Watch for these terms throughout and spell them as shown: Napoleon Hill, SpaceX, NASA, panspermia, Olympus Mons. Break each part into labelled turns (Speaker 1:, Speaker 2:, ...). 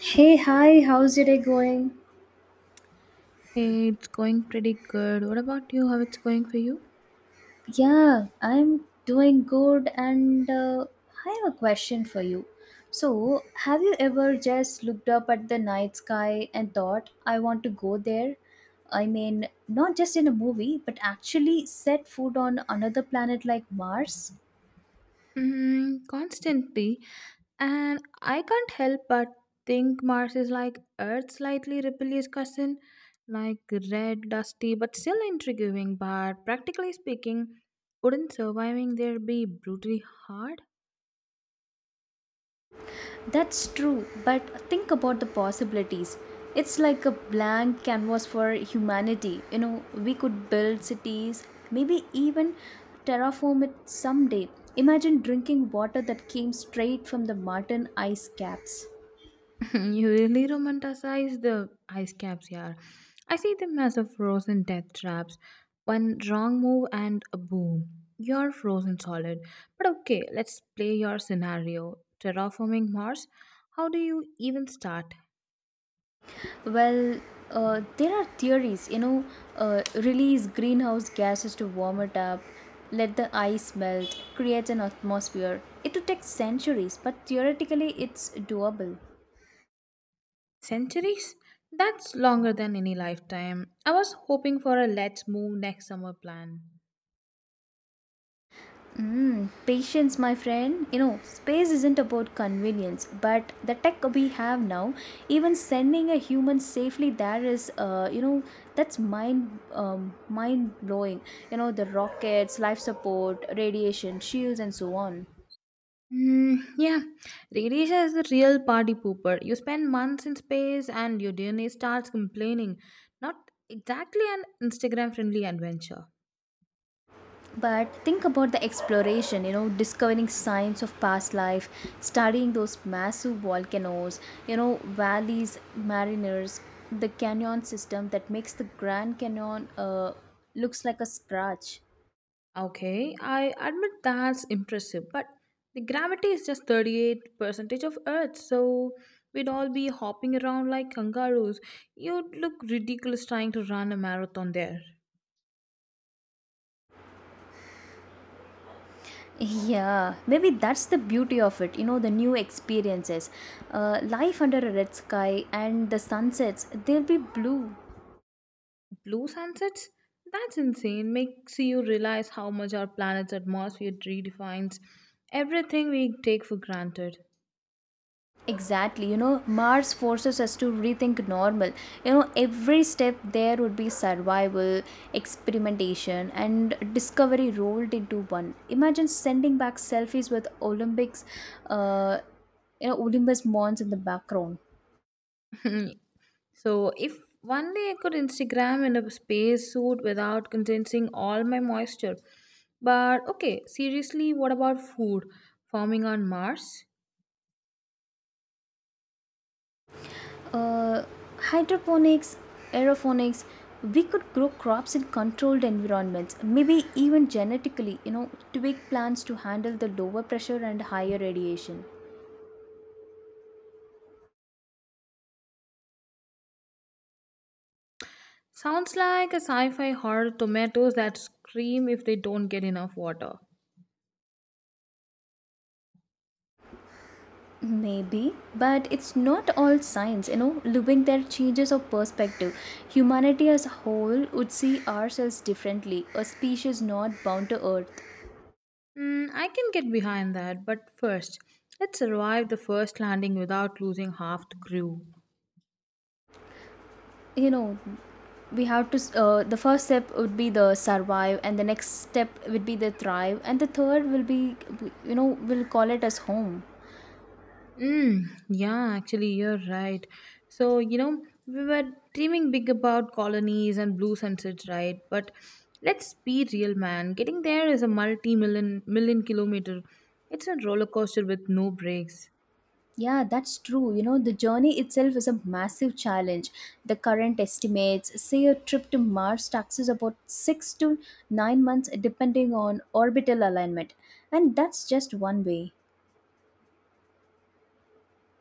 Speaker 1: Hey, hi, how's your day going?
Speaker 2: Hey, it's going pretty good. What about you? How it's going for you?
Speaker 1: Yeah, I'm doing good, and I have a question for you. So, have you ever just looked up at the night sky and thought, I want to go there? I mean, not just in a movie, but actually set foot on another planet like Mars?
Speaker 2: Hmm, constantly. And I can't help but think Mars is like Earth's slightly rebellious cousin, like red, dusty, but still intriguing. But practically speaking, wouldn't surviving there be brutally hard?
Speaker 1: That's true, but think about the possibilities. It's like a blank canvas for humanity. You know, we could build cities, maybe even terraform it someday. Imagine drinking water that came straight from the Martian ice caps.
Speaker 2: You really romanticize the ice caps here. I see them as a frozen death traps. One wrong move and a boom. You're frozen solid. But okay, let's play your scenario. Terraforming Mars? How do you even start?
Speaker 1: Well, there are theories, you know, release greenhouse gases to warm it up, let the ice melt, create an atmosphere. It would take centuries, but theoretically, it's doable.
Speaker 2: Centuries? That's longer than any lifetime. I was hoping for a let's move next summer plan.
Speaker 1: Mm, patience, my friend. You know, space isn't about convenience, but the tech we have now, even sending a human safely there is, you know, that's mind blowing. You know, the rockets, life support, radiation, shields, and so on.
Speaker 2: Mm, yeah, radiation is the real party pooper. You spend months in space and your DNA starts complaining. Not exactly an Instagram friendly adventure.
Speaker 1: But think about the exploration, you know, discovering signs of past life, studying those massive volcanoes, you know, valleys, mariners, the canyon system that makes the grand canyon looks like a scratch.
Speaker 2: Okay, I admit that's impressive, but the gravity is just 38% of Earth, so we'd all be hopping around like kangaroos. You'd look ridiculous trying to run a marathon there.
Speaker 1: Yeah, maybe that's the beauty of it, you know, the new experiences, life under a red sky, and the sunsets, they'll be blue.
Speaker 2: Blue sunsets? That's insane. Makes you realize how much our planet's atmosphere redefines everything we take for granted.
Speaker 1: Exactly. You know, Mars forces us to rethink normal. You know, every step there would be survival, experimentation, and discovery rolled into one. Imagine sending back selfies with Olympics, uh, you know, Olympus Mons in the background.
Speaker 2: So, if only I could Instagram in a space suit without condensing all my moisture. But okay, seriously, what about food? Farming on Mars?
Speaker 1: Uh, Hydroponics, aeroponics, we could grow crops in controlled environments, maybe even genetically, you know, tweak plants to handle the lower pressure and higher radiation.
Speaker 2: Sounds like a sci fi horror tomatoes that scream if they don't get enough water.
Speaker 1: Maybe, but it's not all science, you know. Living there changes of perspective. Humanity as a whole would see ourselves differently, a species not bound to Earth.
Speaker 2: I can get behind that, but first, let's survive the first landing without losing half the crew.
Speaker 1: You know, we have to, the first step would be the survive, and the next step would be the thrive, and the third will be, you know, we'll call it as home.
Speaker 2: Mm, yeah, actually, you're right. So, we were dreaming big about colonies and blue sunsets, right? But let's be real, man. Getting there is a multi million kilometer. It's a roller coaster with no brakes.
Speaker 1: Yeah, that's true. You know, the journey itself is a massive challenge. The current estimates say a trip to Mars taxes about 6 to 9 months, depending on orbital alignment. And that's just one way.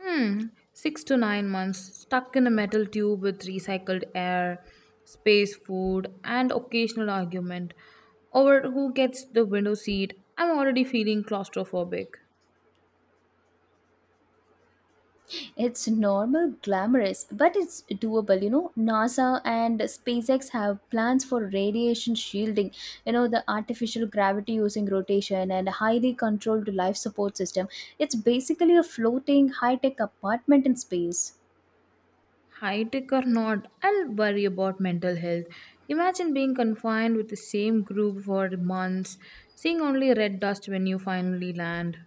Speaker 2: Hmm, 6 to 9 months stuck in a metal tube with recycled air, space food, and occasional argument over who gets the window seat. I'm already feeling claustrophobic.
Speaker 1: It's normal, glamorous, but it's doable. You know, NASA and SpaceX have plans for radiation shielding, you know, the artificial gravity using rotation and highly controlled life support system. It's basically a floating, high tech apartment in space.
Speaker 2: High tech or not, I'll worry about mental health. Imagine being confined with the same group for months, seeing only red dust when you finally land.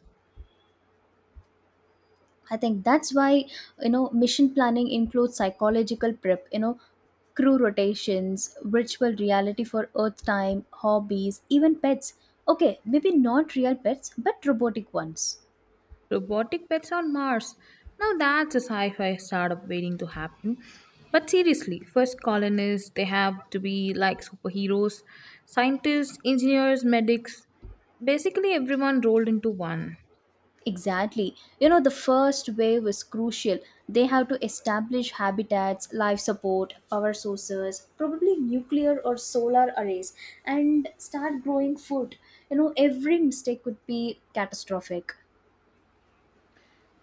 Speaker 1: I think that's why, you know, mission planning includes psychological prep, you know, crew rotations, virtual reality for earth time, hobbies, even pets. Okay, maybe not real pets, but robotic ones.
Speaker 2: Robotic pets on Mars. Now that's a sci fi startup waiting to happen. But seriously, first colonists, they have to be like superheroes scientists, engineers, medics basically everyone rolled into one.
Speaker 1: Exactly. You know, the first wave is crucial. They have to establish habitats, life support, power sources, probably nuclear or solar arrays, and start growing food. You know, every mistake could be catastrophic.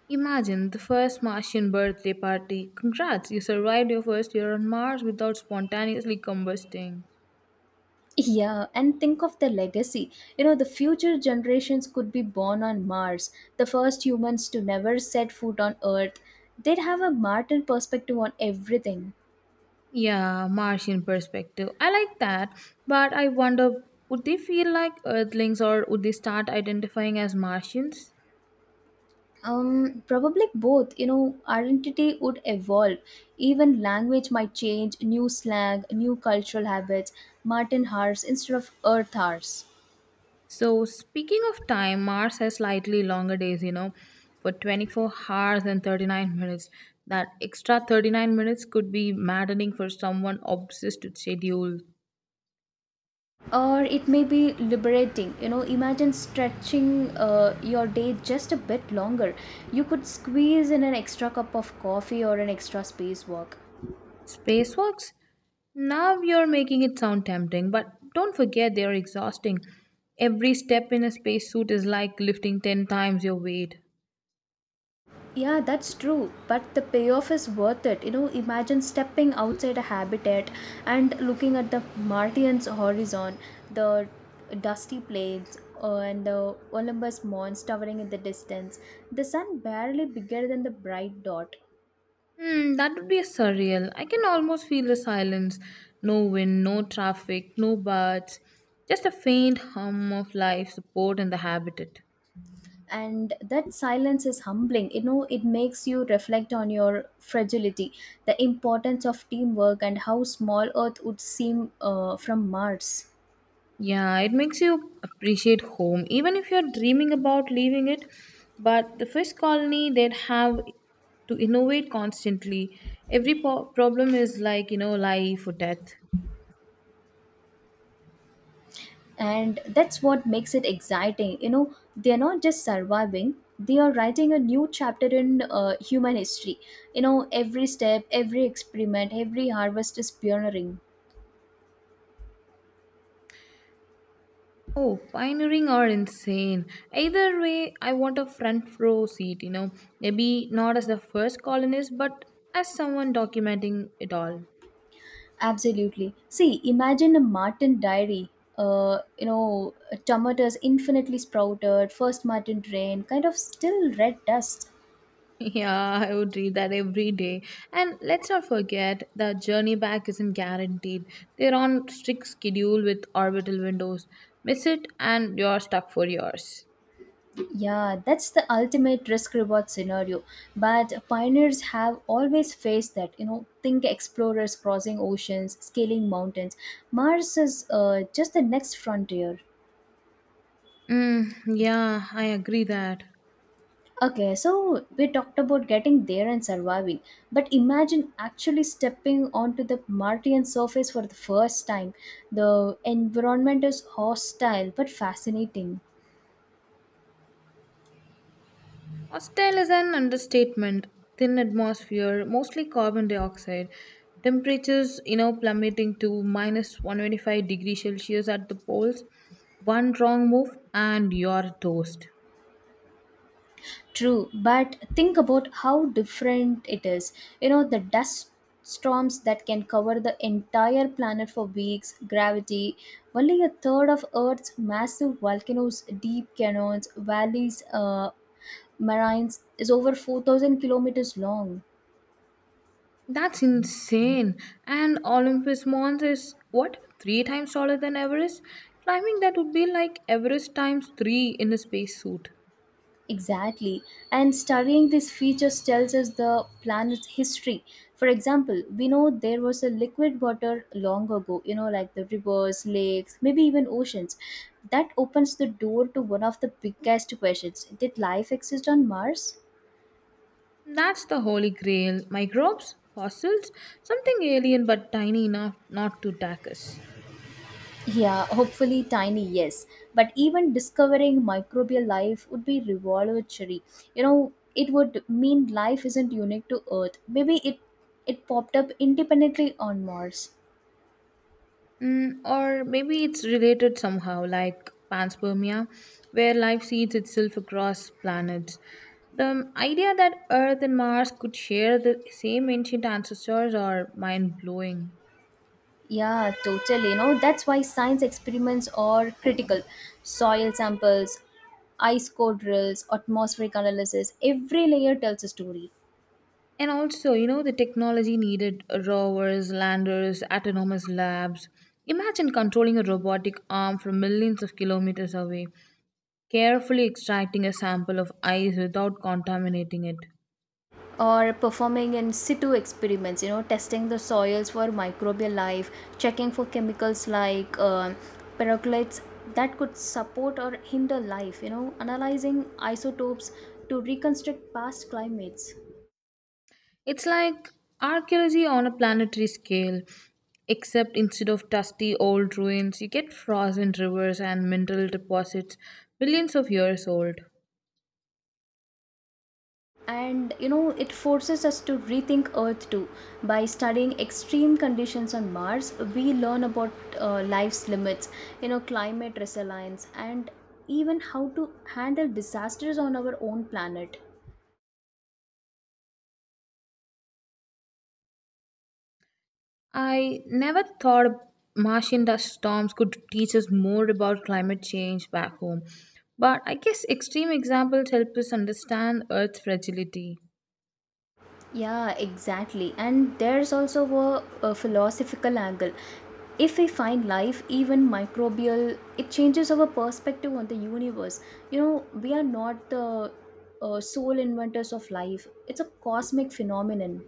Speaker 2: Imagine the first Martian birthday party. Congrats, you survived your first year on Mars without spontaneously combusting.
Speaker 1: Yeah, and think of the legacy. You know, the future generations could be born on Mars, the first humans to never set foot on Earth. They'd have a Martian perspective on everything.
Speaker 2: Yeah, Martian perspective. I like that, but I wonder would they feel like Earthlings or would they start identifying as Martians?
Speaker 1: Probably both. You know, identity would evolve. Even language might change, new slang, new cultural habits, Martin Hars instead of Earth Hars.
Speaker 2: So, speaking of time, Mars has slightly longer days, for 24 hours and 39 minutes. That extra 39 minutes could be maddening for someone obsessed with schedule.
Speaker 1: Or it may be liberating, you know, imagine stretching your day just a bit longer. You could squeeze in an extra cup of coffee or an extra space walk.
Speaker 2: Spacewalks? Now you're making it sound tempting, but don't forget they're exhausting. Every step in a spacesuit is like lifting 10 times your weight.
Speaker 1: Yeah, that's true, but the payoff is worth it, you know, imagine stepping outside a habitat and looking at the martian's horizon, the dusty plains, and the olympus mons towering in the distance, the sun barely bigger than the bright dot.
Speaker 2: Hmm, that would be surreal. I can almost feel the silence. No wind, no traffic, no birds. Just a faint hum of life support in the habitat.
Speaker 1: And that silence is humbling, you know, it makes you reflect on your fragility, the importance of teamwork, and how small earth would seem from mars.
Speaker 2: Yeah, it makes you appreciate home, even if you're dreaming about leaving it. But the fish colony, they'd have to innovate constantly. Every problem is like, life or death.
Speaker 1: And that's what makes it exciting, you know, they're not just surviving, they are writing a new chapter in human history. You know, every step, every experiment, every harvest is pioneering.
Speaker 2: Oh, pioneering or insane. Either way, I want a front row seat. Maybe not as the first colonist, but as someone documenting it all.
Speaker 1: Absolutely. See, imagine a Martin diary. You know, tomatoes infinitely sprouted, first Martin drain, kind of still red dust.
Speaker 2: Yeah, I would read that every day. And let's not forget the journey back isn't guaranteed. They're on strict schedule with orbital windows. Miss it and you're stuck for years.
Speaker 1: Yeah, that's the ultimate risk reward scenario. But pioneers have always faced that. You know, think explorers crossing oceans, scaling mountains. Mars is just the next frontier.
Speaker 2: Mm, yeah, I agree that.
Speaker 1: Okay, so we talked about getting there and surviving, but imagine actually stepping onto the Martian surface for the first time. The environment is hostile but fascinating.
Speaker 2: Hostile is an understatement. Thin atmosphere, mostly carbon dioxide. Temperatures, plummeting to minus 125 degrees Celsius at the poles. One wrong move and you're toast.
Speaker 1: True, but think about how different it is. You know, the dust storms that can cover the entire planet for weeks, gravity, only a third of Earth's massive volcanoes, deep canyons, valleys, marines is over 4,000 kilometers long.
Speaker 2: That's insane. And Olympus Mons is what? Three times taller than Everest? Climbing that would be like Everest times three in a spacesuit.
Speaker 1: Exactly. And studying these features tells us the planet's history. For example, we know there was a liquid water long ago, you know, like the rivers, lakes, maybe even oceans. That opens the door to one of the biggest questions: Did life exist on Mars?
Speaker 2: That's the holy grail. Microbes? Fossils? Something alien but tiny enough not to attack us.
Speaker 1: Yeah, hopefully tiny, yes. But even discovering microbial life would be revolutionary. You know, it would mean life isn't unique to Earth. Maybe it popped up independently on Mars.
Speaker 2: Or maybe it's related somehow, like panspermia, where life seeds itself across planets. The idea that Earth and Mars could share the same ancient ancestors are mind blowing.
Speaker 1: Yeah, totally. You know, that's why science experiments are critical. Soil samples, ice core drills, atmospheric analysis, every layer tells a story.
Speaker 2: And also, the technology needed rovers, landers, autonomous labs. Imagine controlling a robotic arm from millions of kilometers away, carefully extracting a sample of ice without contaminating it.
Speaker 1: Or performing in situ experiments, you know, testing the soils for microbial life, checking for chemicals like percolates that could support or hinder life, you know, analyzing isotopes to reconstruct past climates.
Speaker 2: It's like archaeology on a planetary scale, except instead of dusty old ruins, you get frozen rivers and mineral deposits billions of years old.
Speaker 1: And you know, it forces us to rethink earth too. By studying extreme conditions on mars we learn about life's limits, you know, climate resilience, and even how to handle disasters on our own planet.
Speaker 2: I never thought Martian dust storms could teach us more about climate change back home, but I guess extreme examples help us understand Earth's fragility.
Speaker 1: Yeah, exactly. And there's also a philosophical angle. If we find life, even microbial, it changes our perspective on the universe. You know, we are not the sole inventors of life, it's a cosmic phenomenon.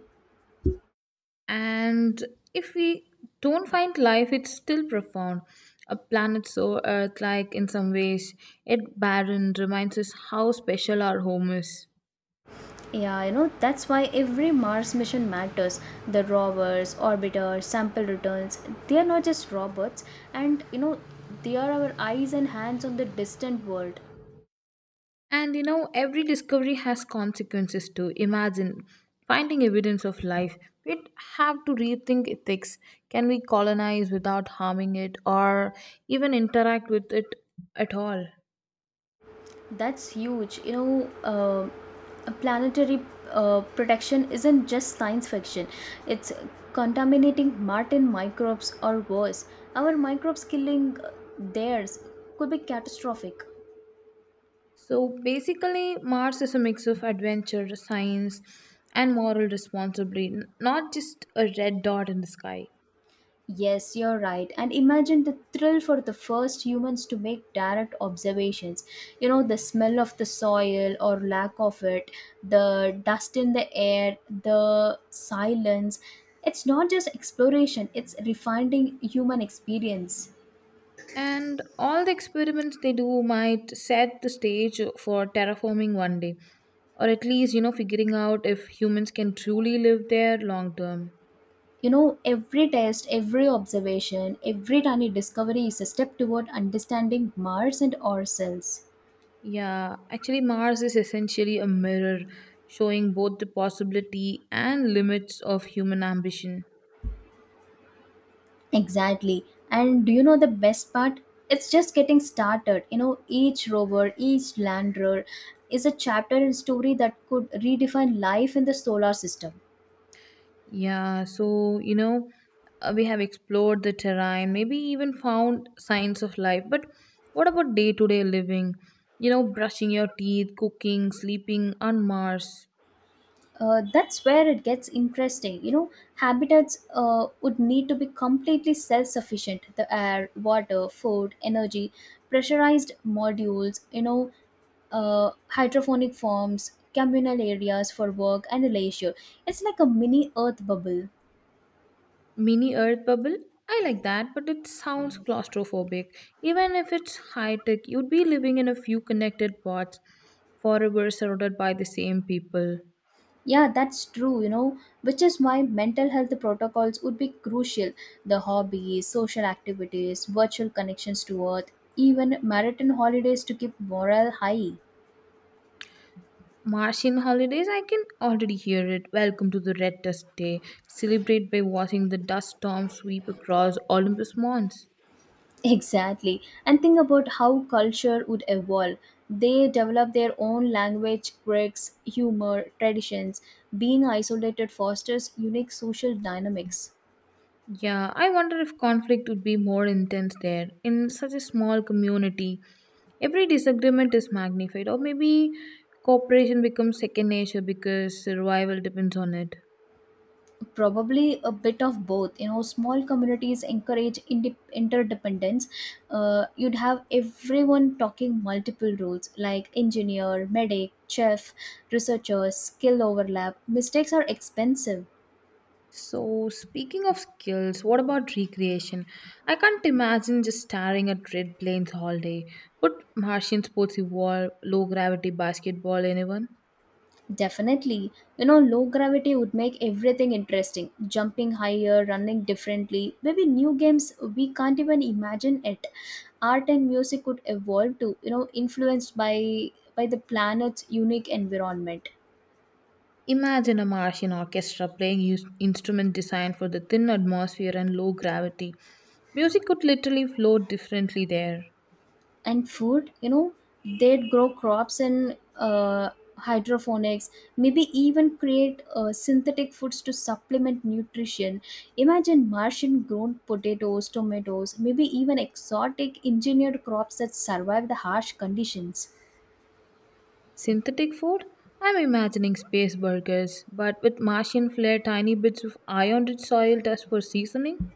Speaker 2: And if we don't find life, it's still profound. A planet so earth like in some ways yet barren reminds us how special our home is.
Speaker 1: Yeah, you know, that's why every Mars mission matters. The rovers, orbiters, sample returns, they are not just robots, and you know, they are our eyes and hands on the distant world.
Speaker 2: And every discovery has consequences too. Imagine finding evidence of life. We'd have to rethink ethics. Can we colonize without harming it, or even interact with it at all?
Speaker 1: That's huge. You know, a planetary protection isn't just science fiction, it's contaminating Martian microbes or worse. Our microbes killing theirs could be catastrophic.
Speaker 2: So basically, Mars is a mix of adventure, science, and moral responsibility, not just a red dot in the sky.
Speaker 1: Yes, you're right. And imagine the thrill for the first humans to make direct observations. You know, the smell of the soil or lack of it, the dust in the air, the silence. It's not just exploration, it's refining human experience.
Speaker 2: And all the experiments they do might set the stage for terraforming one day, or at least, figuring out if humans can truly live there long term.
Speaker 1: You know, every test, every observation, every tiny discovery is a step toward understanding Mars and ourselves.
Speaker 2: Yeah, actually, Mars is essentially a mirror showing both the possibility and limits of human ambition.
Speaker 1: Exactly. And do you know the best part? It's just getting started. You know, each rover, each lander is a chapter and story that could redefine life in the solar system.
Speaker 2: Yeah, so we have explored the terrain, maybe even found signs of life. But what about day to day living? Brushing your teeth, cooking, sleeping on Mars.
Speaker 1: That's where it gets interesting. You know, habitats would need to be completely self sufficient. The air, water, food, energy, pressurized modules, you know, hydroponic farms, communal areas for work, and leisure. It's like a mini earth bubble.
Speaker 2: Mini Earth bubble? I like that, but it sounds claustrophobic. Even if it's high tech, you'd be living in a few connected pods, forever surrounded by the same people.
Speaker 1: Yeah, that's true, you know, which is why mental health protocols would be crucial. The hobbies, social activities, virtual connections to earth, even marathon holidays to keep morale high.
Speaker 2: Martian holidays, I can already hear it. Welcome to the Red Dust Day. Celebrate by watching the dust storm sweep across Olympus Mons.
Speaker 1: Exactly. And think about how culture would evolve. They develop their own language, quirks, humor, traditions. Being isolated fosters unique social dynamics.
Speaker 2: Yeah, I wonder if conflict would be more intense there. In such a small community, every disagreement is magnified, or maybe cooperation becomes second nature because survival depends on it.
Speaker 1: Probably a bit of both. You know, small communities encourage interdependence. You'd have everyone talking multiple roles like engineer, medic, chef, researcher, skill overlap. Mistakes are expensive.
Speaker 2: So, speaking of skills, what about recreation? I can't imagine just staring at red plains all day. Would Martian sports evolve low gravity basketball anyone?
Speaker 1: Definitely. You know, low gravity would make everything interesting. Jumping higher, running differently, maybe new games we can't even imagine it. Art and music could evolve to, you know, influenced by the planet's unique environment.
Speaker 2: Imagine a Martian orchestra playing instrument designed for the thin atmosphere and low gravity. Music could literally flow differently there.
Speaker 1: And food, you know, they'd grow crops in hydroponics, maybe even create synthetic foods to supplement nutrition. Imagine martian grown potatoes, tomatoes, maybe even exotic engineered crops that survive the harsh conditions.
Speaker 2: Synthetic food? I'm imagining space burgers, but with Martian flair, tiny bits of iron rich soil dust for seasoning.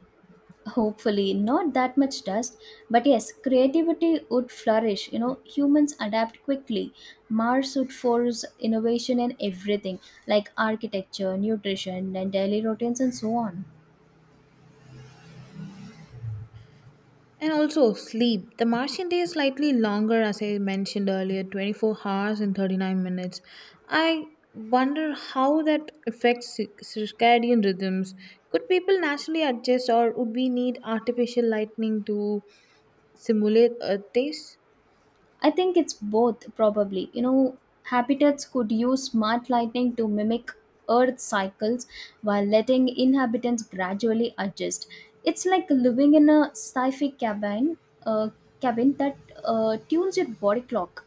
Speaker 1: Hopefully not that much dust, but yes, creativity would flourish, you know, humans adapt quickly. Mars would force innovation in everything, like architecture, nutrition, and daily routines, and so on.
Speaker 2: And also sleep. The Martian day is slightly longer, as I mentioned earlier, 24 hours and 39 minutes. I wonder how that affects circadian rhythms. Could people naturally adjust, or would we need artificial lightning to simulate Earth days?
Speaker 1: I think it's both probably, you know, habitats could use smart lighting to mimic earth cycles while letting inhabitants gradually adjust. It's like living in a sci-fi cabin, uh, cabin that tunes your body clock.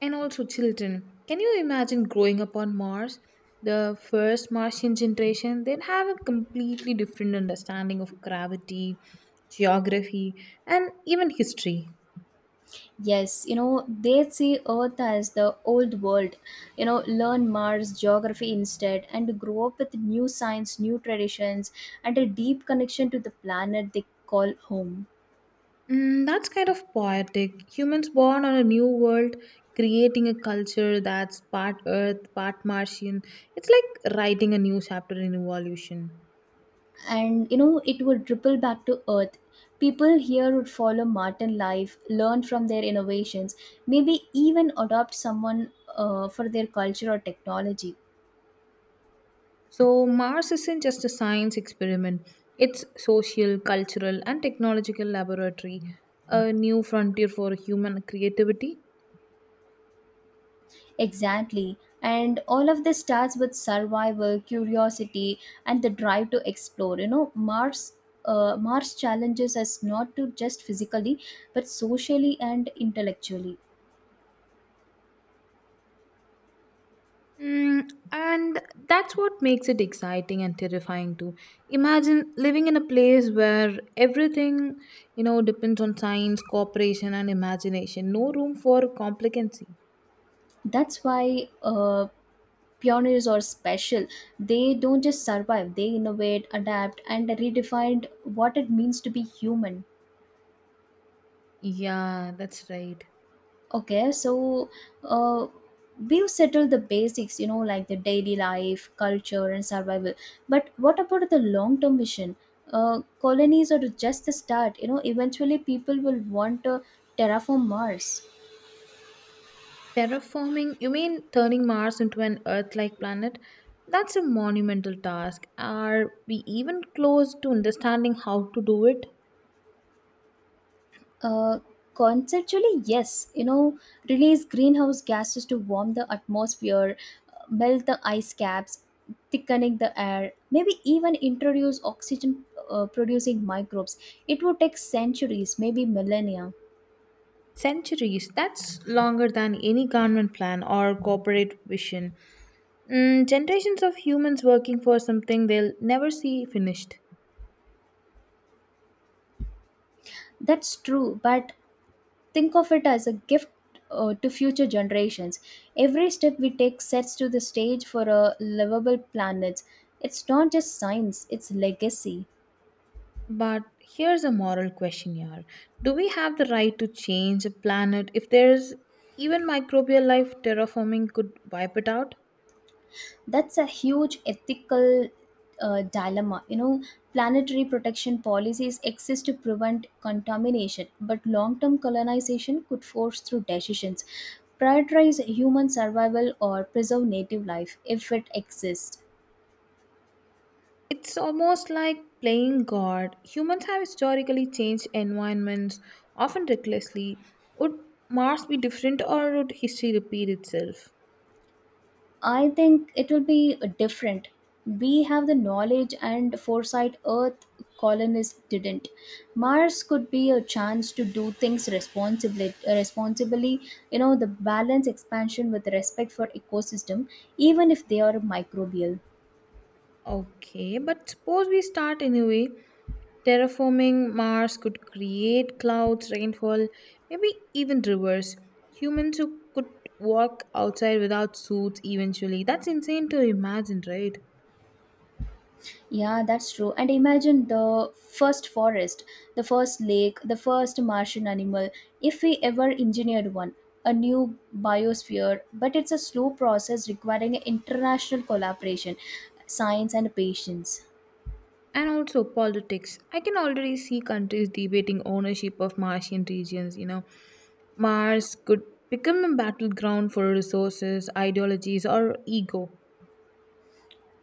Speaker 2: And also, children. Can you imagine growing up on Mars? The first Martian generation, they'd have a completely different understanding of gravity, geography, and even history.
Speaker 1: Yes, you know, they see Earth as the old world, you know, learn Mars geography instead, and grow up with new science, new traditions, and a deep connection to the planet they call home.
Speaker 2: That's kind of poetic. Humans born on a new world, creating a culture that's part Earth, part Martian. It's like writing a new chapter in evolution.
Speaker 1: And, you know, it would ripple back to Earth. People here would follow Martin life, learn from their innovations, maybe even adopt someone for their culture or technology.
Speaker 2: So, Mars isn't just a science experiment, it's social, cultural, and technological laboratory, a new frontier for human creativity.
Speaker 1: Exactly. And all of this starts with survival, curiosity, and the drive to explore. You know, Mars. Mars challenges us not to just physically, but socially and intellectually.
Speaker 2: Mm, and that's what makes it exciting and terrifying too. Imagine living in a place where everything, depends on science, cooperation, and imagination. No room for complacency.
Speaker 1: That's why pioneers are special. They don't just survive; they innovate, adapt, and redefine what it means to be human.
Speaker 2: Yeah, that's right.
Speaker 1: Okay, so uh, we've settled the basics, you know, like the daily life, culture, and survival. But what about the long term vision? Colonies are just the start, you know, eventually people will want to terraform Mars.
Speaker 2: Terraforming, you mean turning Mars into an Earth like planet? That's a monumental task. Are we even close to understanding how to do it?
Speaker 1: Uh, Conceptually, yes. You know, release greenhouse gases to warm the atmosphere, melt the ice caps, thickening the air, maybe even introduce oxygen producing microbes. It would take centuries, maybe millennia.
Speaker 2: Centuries, that's longer than any government plan or corporate vision. Generations of humans working for something they'll never see finished.
Speaker 1: That's true, but think of it as a gift. To future generations. Every step we take sets to the stage for a livable planet. It's not just science, it's legacy.
Speaker 2: But here's a moral question here. Do we have the right to change a planet if there's even microbial life terraforming could wipe it out?
Speaker 1: That's a huge ethical dilemma, you know, planetary protection policies exist to prevent contamination, but long-term colonization could force through decisions, prioritize human survival or preserve native life if it exists.
Speaker 2: It's almost like playing God. Humans have historically changed environments, often recklessly. Would Mars be different or would history repeat itself?
Speaker 1: I think it will be different. We have the knowledge and foresight Earth colonists didn't. Mars could be a chance to do things responsibly, responsibly. You know, the balance expansion with respect for ecosystem, even if they are microbial.
Speaker 2: Okay, but suppose we start anyway. Terraforming Mars could create clouds, rainfall, maybe even rivers. Humans who could walk outside without suits eventually. That's insane to imagine, right?
Speaker 1: Yeah, that's true. And imagine the first forest, the first lake, the first Martian animal, if we ever engineered one, a new biosphere. But it's a slow process requiring international collaboration, science, and patience.
Speaker 2: And also politics. I can already see countries debating ownership of Martian regions. Mars could become a battleground for resources, ideologies, or ego.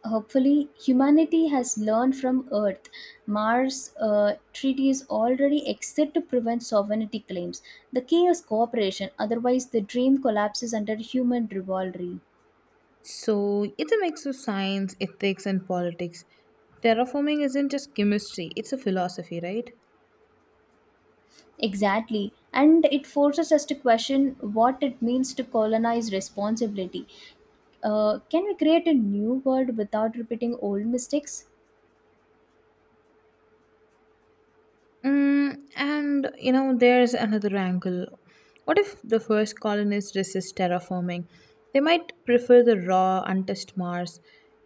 Speaker 1: Hopefully, humanity has learned from Earth. Mars treaties already exist to prevent sovereignty claims. The key is cooperation, otherwise, the dream collapses under human rivalry.
Speaker 2: So it's a mix of science, ethics, and politics. Terraforming isn't just chemistry, it's a philosophy, right?
Speaker 1: Exactly. And it forces us to question what it means to colonize responsibility. Can we create a new world without repeating old mistakes?
Speaker 2: And there's another angle. What if the first colonists resist terraforming? They might prefer the raw, untouched Mars,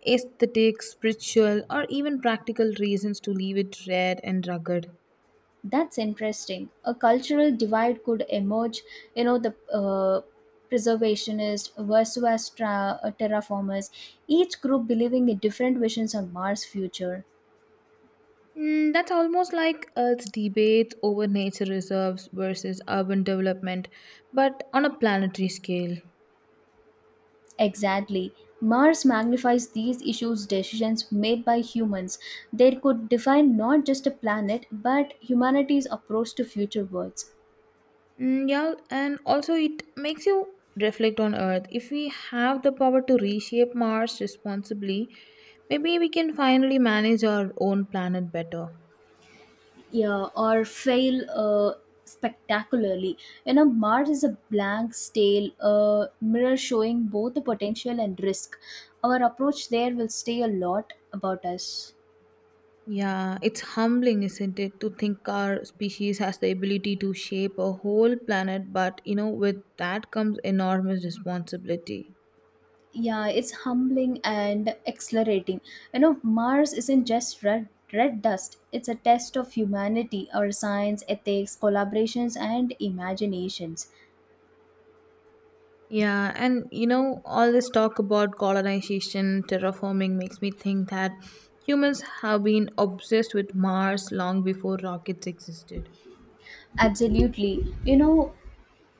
Speaker 2: aesthetic, spiritual, or even practical reasons to leave it red and rugged.
Speaker 1: That's interesting. A cultural divide could emerge. You know, the preservationist versus terraformers, each group believing in different visions on Mars' future.
Speaker 2: That's almost like Earth's debate over nature reserves versus urban development, but on a planetary scale.
Speaker 1: Exactly. Mars magnifies these issues decisions made by humans. They could define not just a planet but humanity's approach to future worlds.
Speaker 2: Mm, yeah, and also it makes you reflect on Earth. If we have the power to reshape Mars responsibly, maybe we can finally manage our own planet better.
Speaker 1: Yeah, or fail spectacularly. You know, Mars is a blank, stale mirror showing both the potential and risk. Our approach there will say a lot about us.
Speaker 2: Yeah, it's humbling, isn't it, to think our species has the ability to shape a whole planet, but with that comes enormous responsibility.
Speaker 1: Yeah, it's humbling and exhilarating. You know, Mars isn't just red dust, it's a test of humanity, our science, ethics, collaborations, and imaginations.
Speaker 2: Yeah, and all this talk about colonization, terraforming makes me think that humans have been obsessed with Mars long before rockets existed.
Speaker 1: Absolutely. You know,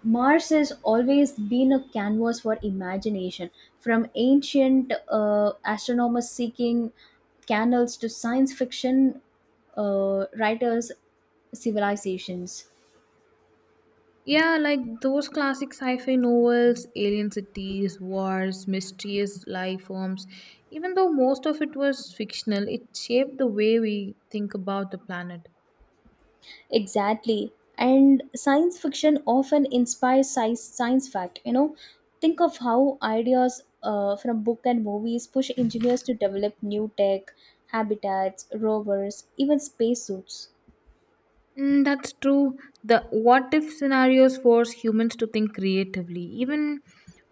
Speaker 1: Mars has always been a canvas for imagination, from ancient astronomers seeking canals to science fiction writers, civilizations.
Speaker 2: Yeah, like those classic sci fi novels, alien cities, wars, mysterious life forms. Even though most of it was fictional, it shaped the way we think about the planet.
Speaker 1: Exactly. And science fiction often inspires science fact. You know, think of how ideas from book and movies push engineers to develop new tech, habitats, rovers, even spacesuits.
Speaker 2: That's true. The what if scenarios force humans to think creatively. Even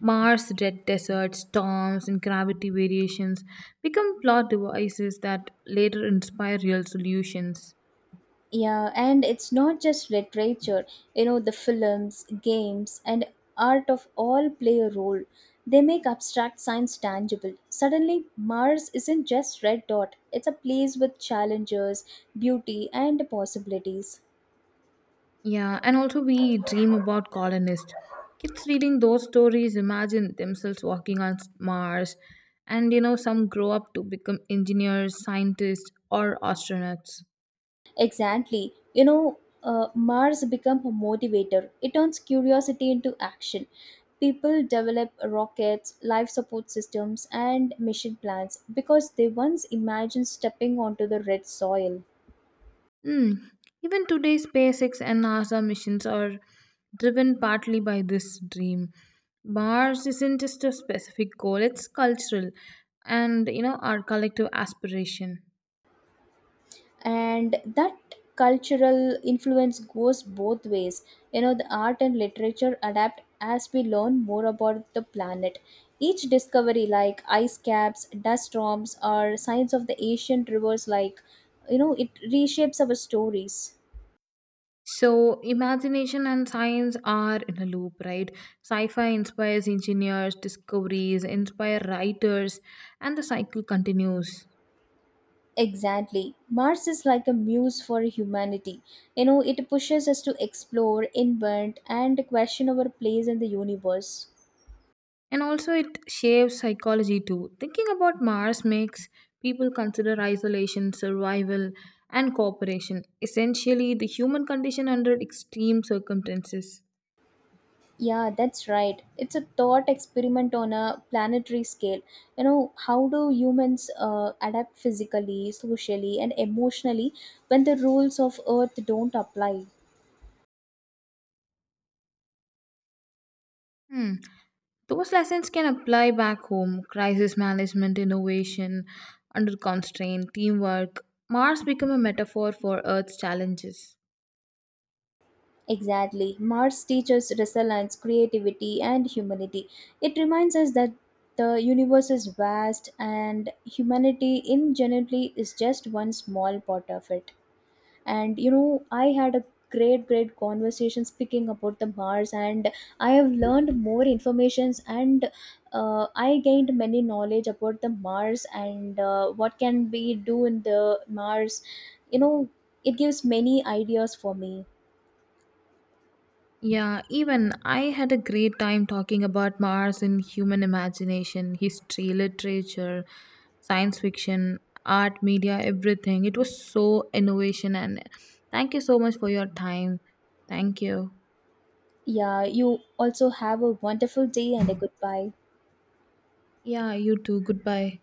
Speaker 2: Mars, dead deserts, storms, and gravity variations become plot devices that later inspire real solutions.
Speaker 1: Yeah, and it's not just literature. You know, the films, games, and art of all play a role. They make abstract science tangible. Suddenly, Mars isn't just red dot. It's a place with challenges, beauty, and possibilities.
Speaker 2: Yeah, and also we dream about colonists. Kids reading those stories imagine themselves walking on Mars, and some grow up to become engineers, scientists, or astronauts.
Speaker 1: Exactly. You know, Mars become a motivator. It turns curiosity into action. People develop rockets, life support systems, and mission plans because they once imagined stepping onto the red soil.
Speaker 2: Hmm. Even today, SpaceX and NASA missions are driven partly by this dream. Mars isn't just a specific goal, it's cultural and, our collective aspiration.
Speaker 1: And that cultural influence goes both ways. You know, the art and literature adapt as we learn more about the planet. Each discovery, like ice caps, dust storms, or signs of the ancient rivers, like, you know, it reshapes our stories.
Speaker 2: So, imagination and science are in a loop, right? Sci fi inspires engineers, discoveries, inspire writers, and the cycle continues.
Speaker 1: Exactly. Mars is like a muse for humanity. You know, it pushes us to explore, invent, and question our place in the universe.
Speaker 2: And also, it shapes psychology too. Thinking about Mars makes people consider isolation, survival, and cooperation essentially the human condition under extreme circumstances.
Speaker 1: Yeah, that's right. It's a thought experiment on a planetary scale. You know, how do humans adapt physically, socially, and emotionally when the rules of Earth don't apply?
Speaker 2: Hmm. Those lessons can apply back home crisis management, innovation, under constraint, teamwork. Mars become a metaphor for Earth's challenges.
Speaker 1: Exactly. Mars teaches resilience, creativity, and humanity. It reminds us that the universe is vast and humanity, in generally, is just one small part of it. And you know, I had a great conversation speaking about the Mars, and I have learned more informations, and I gained many knowledge about the Mars, and what can be do in the Mars, you know, it gives many ideas for me.
Speaker 2: Yeah, even I had a great time talking about Mars in human imagination, history, literature, science fiction, art, media, everything. It was so innovation and thank you so much for your time. Thank you.
Speaker 1: Yeah, you also have a wonderful day and a goodbye.
Speaker 2: Yeah, you too. Goodbye.